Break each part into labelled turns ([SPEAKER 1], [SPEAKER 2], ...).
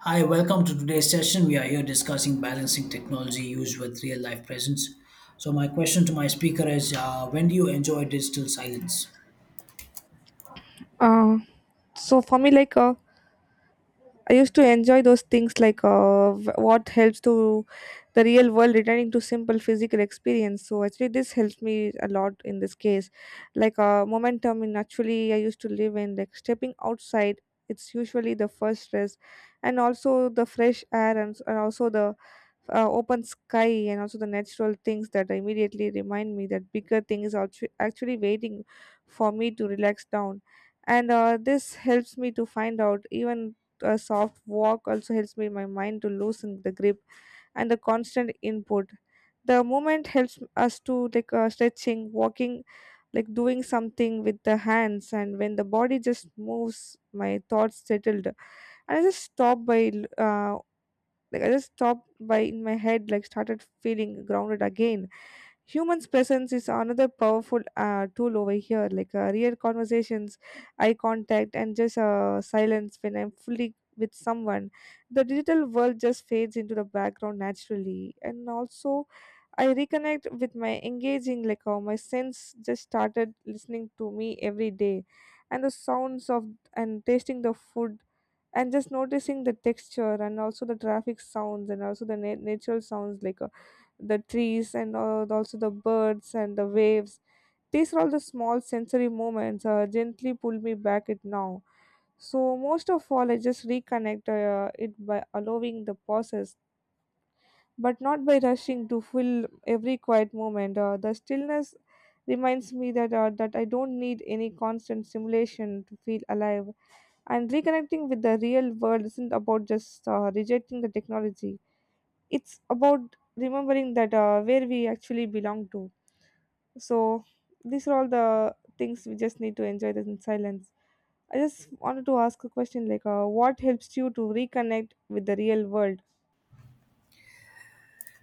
[SPEAKER 1] Hi, welcome to today's session. We are here discussing balancing technology use with real life presence. So, my question to my speaker is when do you enjoy digital silence?
[SPEAKER 2] Uh, so for me, I used to enjoy those things, like what helps to the real world returning to simple physical experience. So actually, this helped me a lot in this case. Momentum in actually, I used to live in like stepping outside. It's usually the first stress, and also the fresh air, and also the open sky and also the natural things that immediately remind me that bigger things are actually waiting for me to relax down, and this helps me to find out even a soft walk also helps me my mind to loosen the grip and the constant input. The movement helps us to stretching, walking, like doing something with the hands, and when the body just moves my thoughts settled, and I just stop by l- like I just stopped by in my head, like started feeling grounded again. Human's presence is another powerful tool over here, like real conversations, eye contact, and just silence when I'm fully with someone. The digital world just fades into the background naturally, and also I reconnect with my engaging, like how my sense just started listening to me every day, and the sounds of and tasting the food and just noticing the texture and also the traffic sounds and also the natural sounds like the trees and also the birds and the waves. These are all the small sensory moments gently pull me back it now. So most of all, I just reconnect it by allowing the pauses, but not by rushing to fill every quiet moment. The stillness reminds me that that I don't need any constant stimulation to feel alive, and reconnecting with the real world isn't about just rejecting the technology, it's about remembering that where we actually belong to. So these are all the things we just need to enjoy this in silence. I just wanted to ask a question like, what helps you to reconnect with the real world?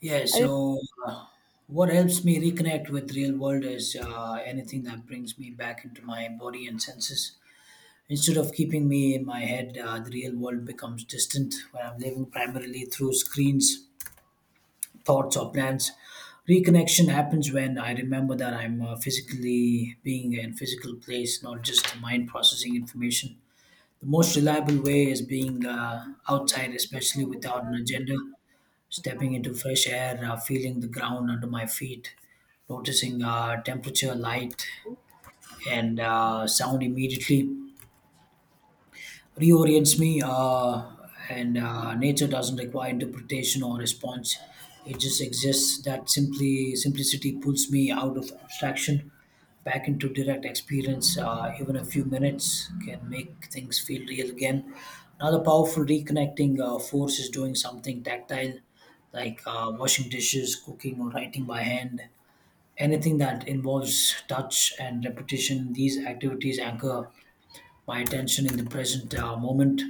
[SPEAKER 1] Yeah,
[SPEAKER 2] I
[SPEAKER 1] so uh, what helps me reconnect with real world is anything that brings me back into my body and senses. Instead of keeping me in my head, the real world becomes distant when I'm living primarily through screens, thoughts or plans. Reconnection happens when I remember that I'm physically being in physical place, not just mind processing information. The most reliable way is being outside, especially without an agenda, stepping into fresh air, feeling the ground under my feet, noticing temperature, light, and sound immediately reorients me, and nature doesn't require interpretation or response. It just exists. That simply simplicity pulls me out of abstraction, back into direct experience. Even a few minutes can make things feel real again. Another powerful reconnecting force is doing something tactile, like washing dishes, cooking, or writing by hand, anything that involves touch and repetition. These activities anchor my attention in the present moment.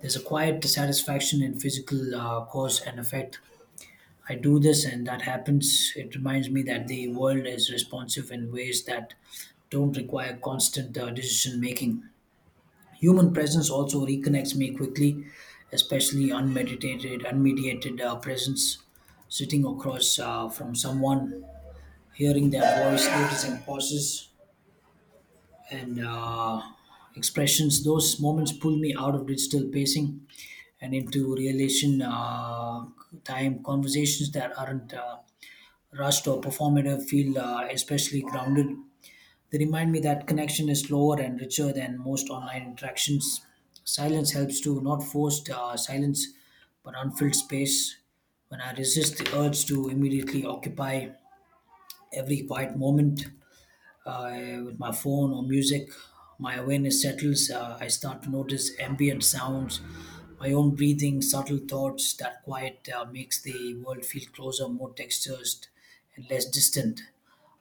[SPEAKER 1] There's a quiet dissatisfaction in physical cause and effect. I do this and that happens. It reminds me that the world is responsive in ways that don't require constant decision making. Human presence also reconnects me quickly, especially unmeditated, unmediated presence. Sitting across from someone, hearing their voice, noticing pauses, and expressions. Those moments pull me out of digital pacing and into relation time conversations that aren't rushed or performative. Feel especially grounded. They remind me that connection is slower and richer than most online interactions. Silence helps too, not forced silence, but unfilled space. When I resist the urge to immediately occupy every quiet moment, with my phone or music. My awareness settles. I start to notice ambient sounds, my own breathing, subtle thoughts. That quiet makes the world feel closer, more textured, and less distant.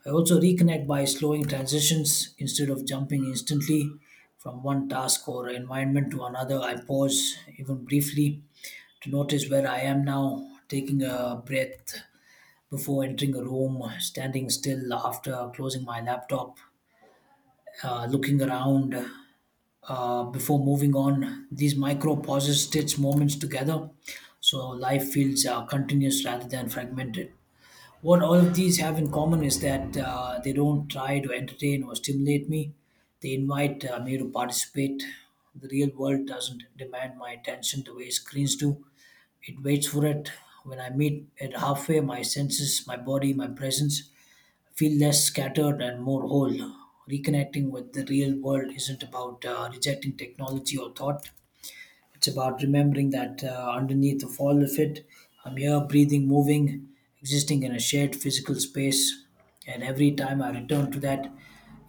[SPEAKER 1] I also reconnect by slowing transitions instead of jumping instantly from one task or environment to another. I pause even briefly to notice where I am now, taking a breath before entering a room, standing still after closing my laptop, looking around before moving on. These micro pauses stitch moments together so life feels continuous rather than fragmented. What all of these have in common is that they don't try to entertain or stimulate me, they invite me to participate. The real world doesn't demand my attention the way screens do, it waits for it. When I meet it halfway, my senses, my body, my presence feel less scattered and more whole. Reconnecting with the real world isn't about rejecting technology or thought, it's about remembering that underneath of all of it, I'm here, breathing, moving, existing in a shared physical space. And every time I return to that,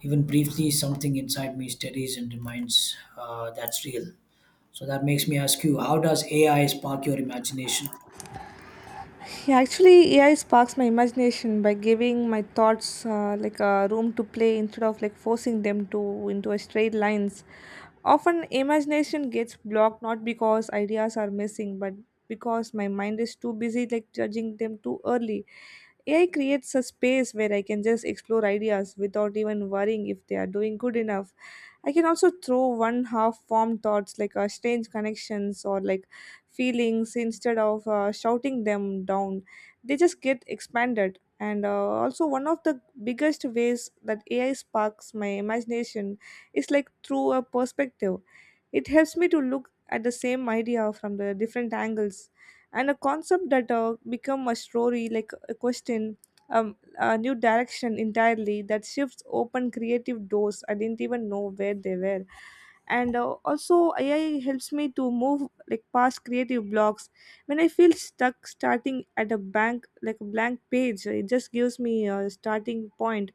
[SPEAKER 1] even briefly, something inside me steadies and reminds that's real. So that makes me ask you, how does AI spark your imagination?
[SPEAKER 2] yeah, actually AI sparks my imagination by giving my thoughts like a room to play instead of like forcing them to into a straight lines. Often, imagination gets blocked not because ideas are missing, but because my mind is too busy like judging them too early. AI creates a space where I can just explore ideas without even worrying if they are doing good enough. I can also throw one half formed thoughts like strange connections or like feelings instead of shouting them down. They just get expanded. And also, one of the biggest ways that AI sparks my imagination is like through a perspective. It helps me to look at the same idea from the different angles. And a concept that become a story, like a question, um, a new direction entirely that shifts open creative doors I didn't even know where they were. And also, AI helps me to move like past creative blocks. When I feel stuck starting at a bank, like a blank page, it just gives me a starting point,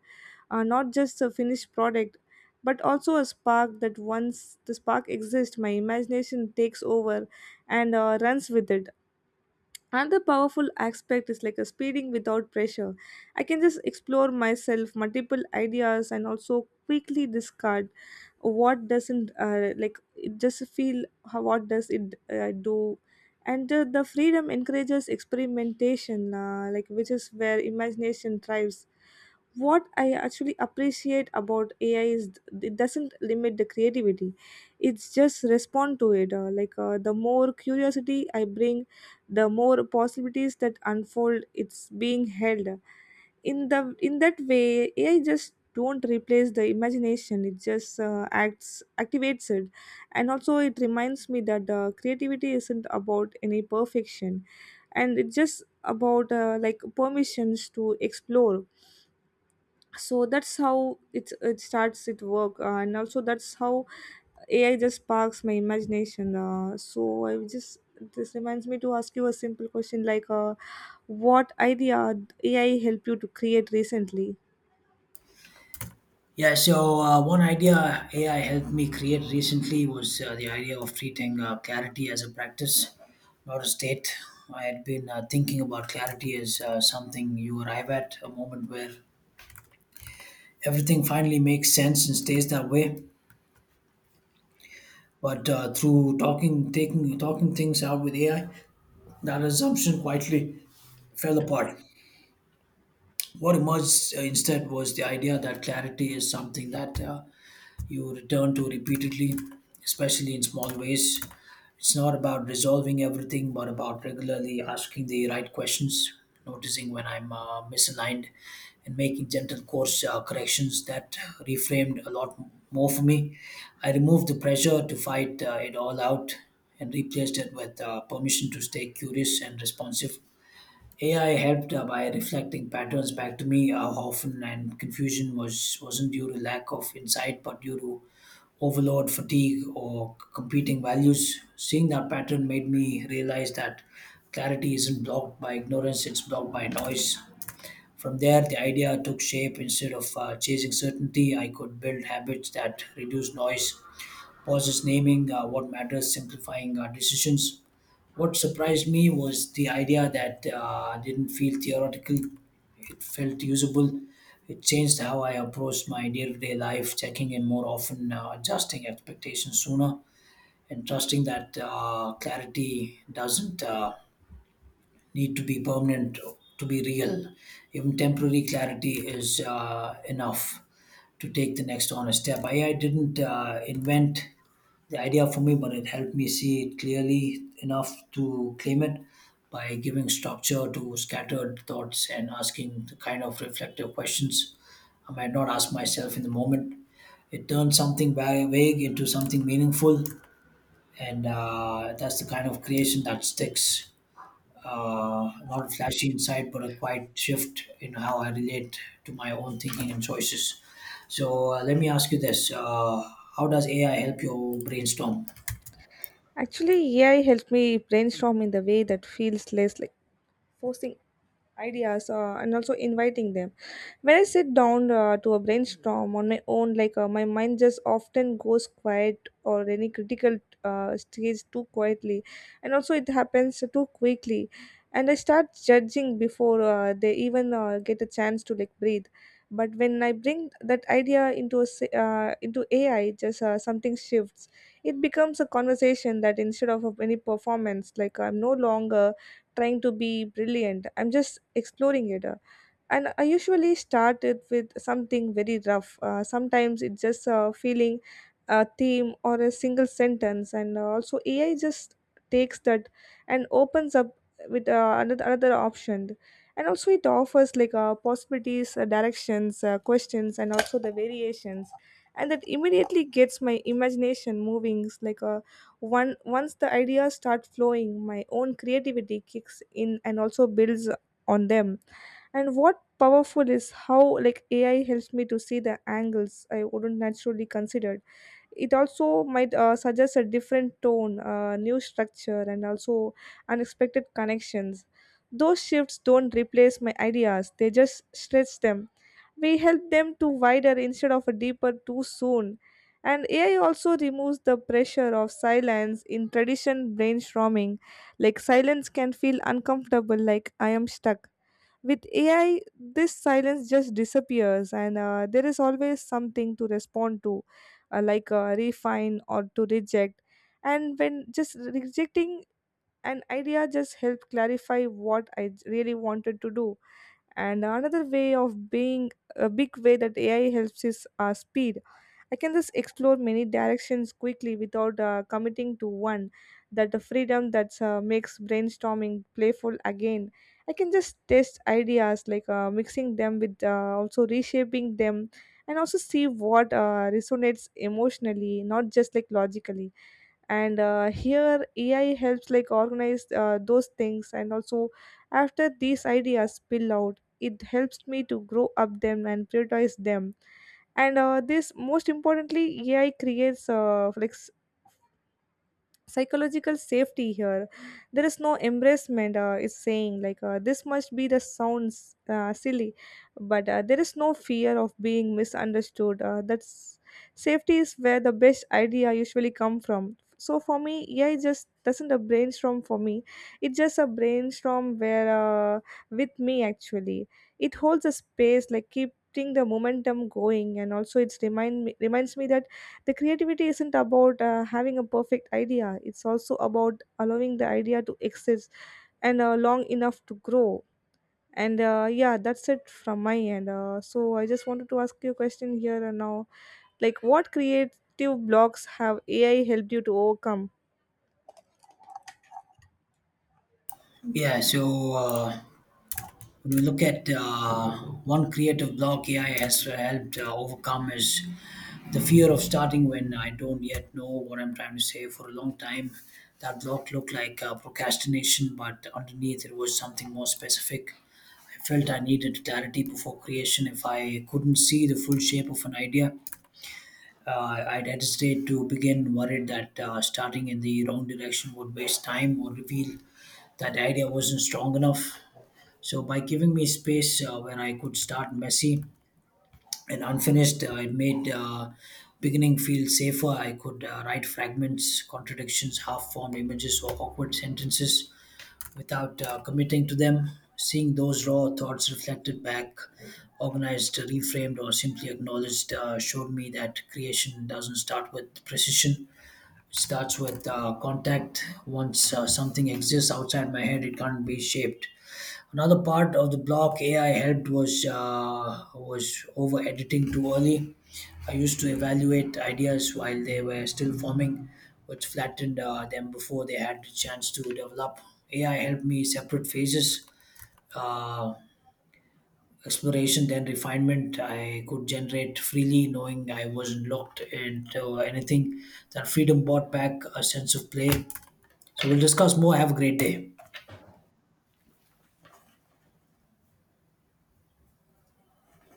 [SPEAKER 2] not just a finished product but also a spark. That once the spark exists, my imagination takes over and runs with it. Another powerful aspect is like a speeding without pressure. I can just explore myself multiple ideas and also quickly discard what doesn't like it just feel how what does it do. And the freedom encourages experimentation, which is where imagination thrives. What I actually appreciate about AI is it doesn't limit the creativity, it's just respond to it. The more curiosity I bring, the more possibilities that unfold. It's being held in the in that way. AI just don't replace the imagination, it just acts activates it. And also it reminds me that creativity isn't about any perfection, and it's just about like permissions to explore. So that's how it starts it work, and also that's how AI just sparks my imagination. So I just, this reminds me to ask you a simple question like, what idea AI help you to create recently?
[SPEAKER 1] Yeah, so one idea AI helped me create recently was the idea of treating clarity as a practice, not a state. I had been thinking about clarity as something you arrive at, a moment where everything finally makes sense and stays that way. But through talking things out with AI, that assumption quietly fell apart. What emerged instead was the idea that clarity is something that you return to repeatedly, especially in small ways. It's not about resolving everything, but about regularly asking the right questions, noticing when I'm misaligned, and making gentle course corrections. That reframed a lot more for me. I removed the pressure to fight it all out and replaced it with permission to stay curious and responsive. AI helped by reflecting patterns back to me, how often and confusion was wasn't due to lack of insight but due to overload, fatigue, or competing values. Seeing that pattern made me realize that clarity isn't blocked by ignorance; it's blocked by noise. From there, the idea took shape. Instead of chasing certainty, I could build habits that reduce noise. Pauses, naming what matters, simplifying decisions. What surprised me was the idea that didn't feel theoretical, it felt usable. It changed how I approached my day to day life, checking in more often, adjusting expectations sooner, and trusting that clarity doesn't. Need to be permanent to be real. Even temporary clarity is enough to take the next honest step. AI didn't invent the idea for me, but it helped me see it clearly enough to claim it by giving structure to scattered thoughts and asking the kind of reflective questions I might not ask myself in the moment. It turns something vague into something meaningful, and that's the kind of creation that sticks. Not flashy insight, but a quiet shift in how I relate to my own thinking and choices. So let me ask you this: how does AI help you brainstorm?
[SPEAKER 2] Actually, AI helped me brainstorm in the way that feels less like forcing ideas, and also inviting them. When I sit down to a brainstorm on my own, my mind just often goes quiet or any critical stage too quietly, and also it happens too quickly, and I start judging before they even get a chance to like breathe. But when I bring that idea into AI, just something shifts. It becomes a conversation, that instead of any performance, like I'm no longer trying to be brilliant, I'm just exploring it. And I usually start it with something very rough, sometimes it's just feeling a theme or a single sentence, and also AI just takes that and opens up with another option. And also it offers like possibilities, directions, questions, and also the variations. And that immediately gets my imagination moving. It's like, one once the ideas start flowing, my own creativity kicks in and also builds on them. And what powerful is how like AI helps me to see the angles I wouldn't naturally considered. It also might suggest a different tone, new structure, and also unexpected connections. Those shifts don't replace my ideas; they just stretch them. We help them to wider instead of a deeper too soon. And AI also removes the pressure of silence in tradition brainstorming. Like silence can feel uncomfortable, like I am stuck. With AI, this silence just disappears, and there is always something to respond to, refine or to reject. And when just rejecting an idea just help clarify what I really wanted to do. And another way of being, a big way that AI helps is speed. I can just explore many directions quickly without committing to one. That the freedom that makes brainstorming playful again. I can just test ideas like mixing them with also reshaping them, and also see what resonates emotionally, not just like logically. And here AI helps like organize those things. And also, after these ideas spill out, it helps me to grow up them and prioritize them. And this, most importantly, AI creates like psychological safety here. There is no embracement is saying like, this must be the sounds silly, but there is no fear of being misunderstood. That's safety is where the best idea usually come from. So for me, AI just doesn't a brainstorm for me, it's just a brainstorm where, uh, with me actually. It holds a space, like keeping the momentum going, and also it's remind me reminds me that the creativity isn't about having a perfect idea, it's also about allowing the idea to exist and long enough to grow. And yeah, that's it from my end. So I just wanted to ask you a question here and now like, what creative blocks have AI helped you to overcome?
[SPEAKER 1] Yeah. So when we look at one creative block AI has helped overcome is the fear of starting when I don't yet know what I'm trying to say for a long time. That block looked like procrastination, but underneath it was something more specific. I felt I needed clarity before creation. If I couldn't see the full shape of an idea, I'd hesitate to begin, worried that starting in the wrong direction would waste time or reveal that the idea wasn't strong enough. So, by giving me space where I could start messy and unfinished, it made beginning feel safer. I could write fragments, contradictions, half formed images, or awkward sentences without committing to them. Seeing those raw thoughts reflected back, organized, reframed, or simply acknowledged, showed me that creation doesn't start with precision. It starts with contact. Once something exists outside my head, it can't be shaped. Another part of the block AI helped was over editing too early. I used to evaluate ideas while they were still forming, which flattened them before they had the chance to develop. AI helped me separate phases, uh, exploration, then refinement. I could generate freely, knowing I wasn't locked into anything. That freedom brought back a sense of play. So we'll discuss more. Have a great day.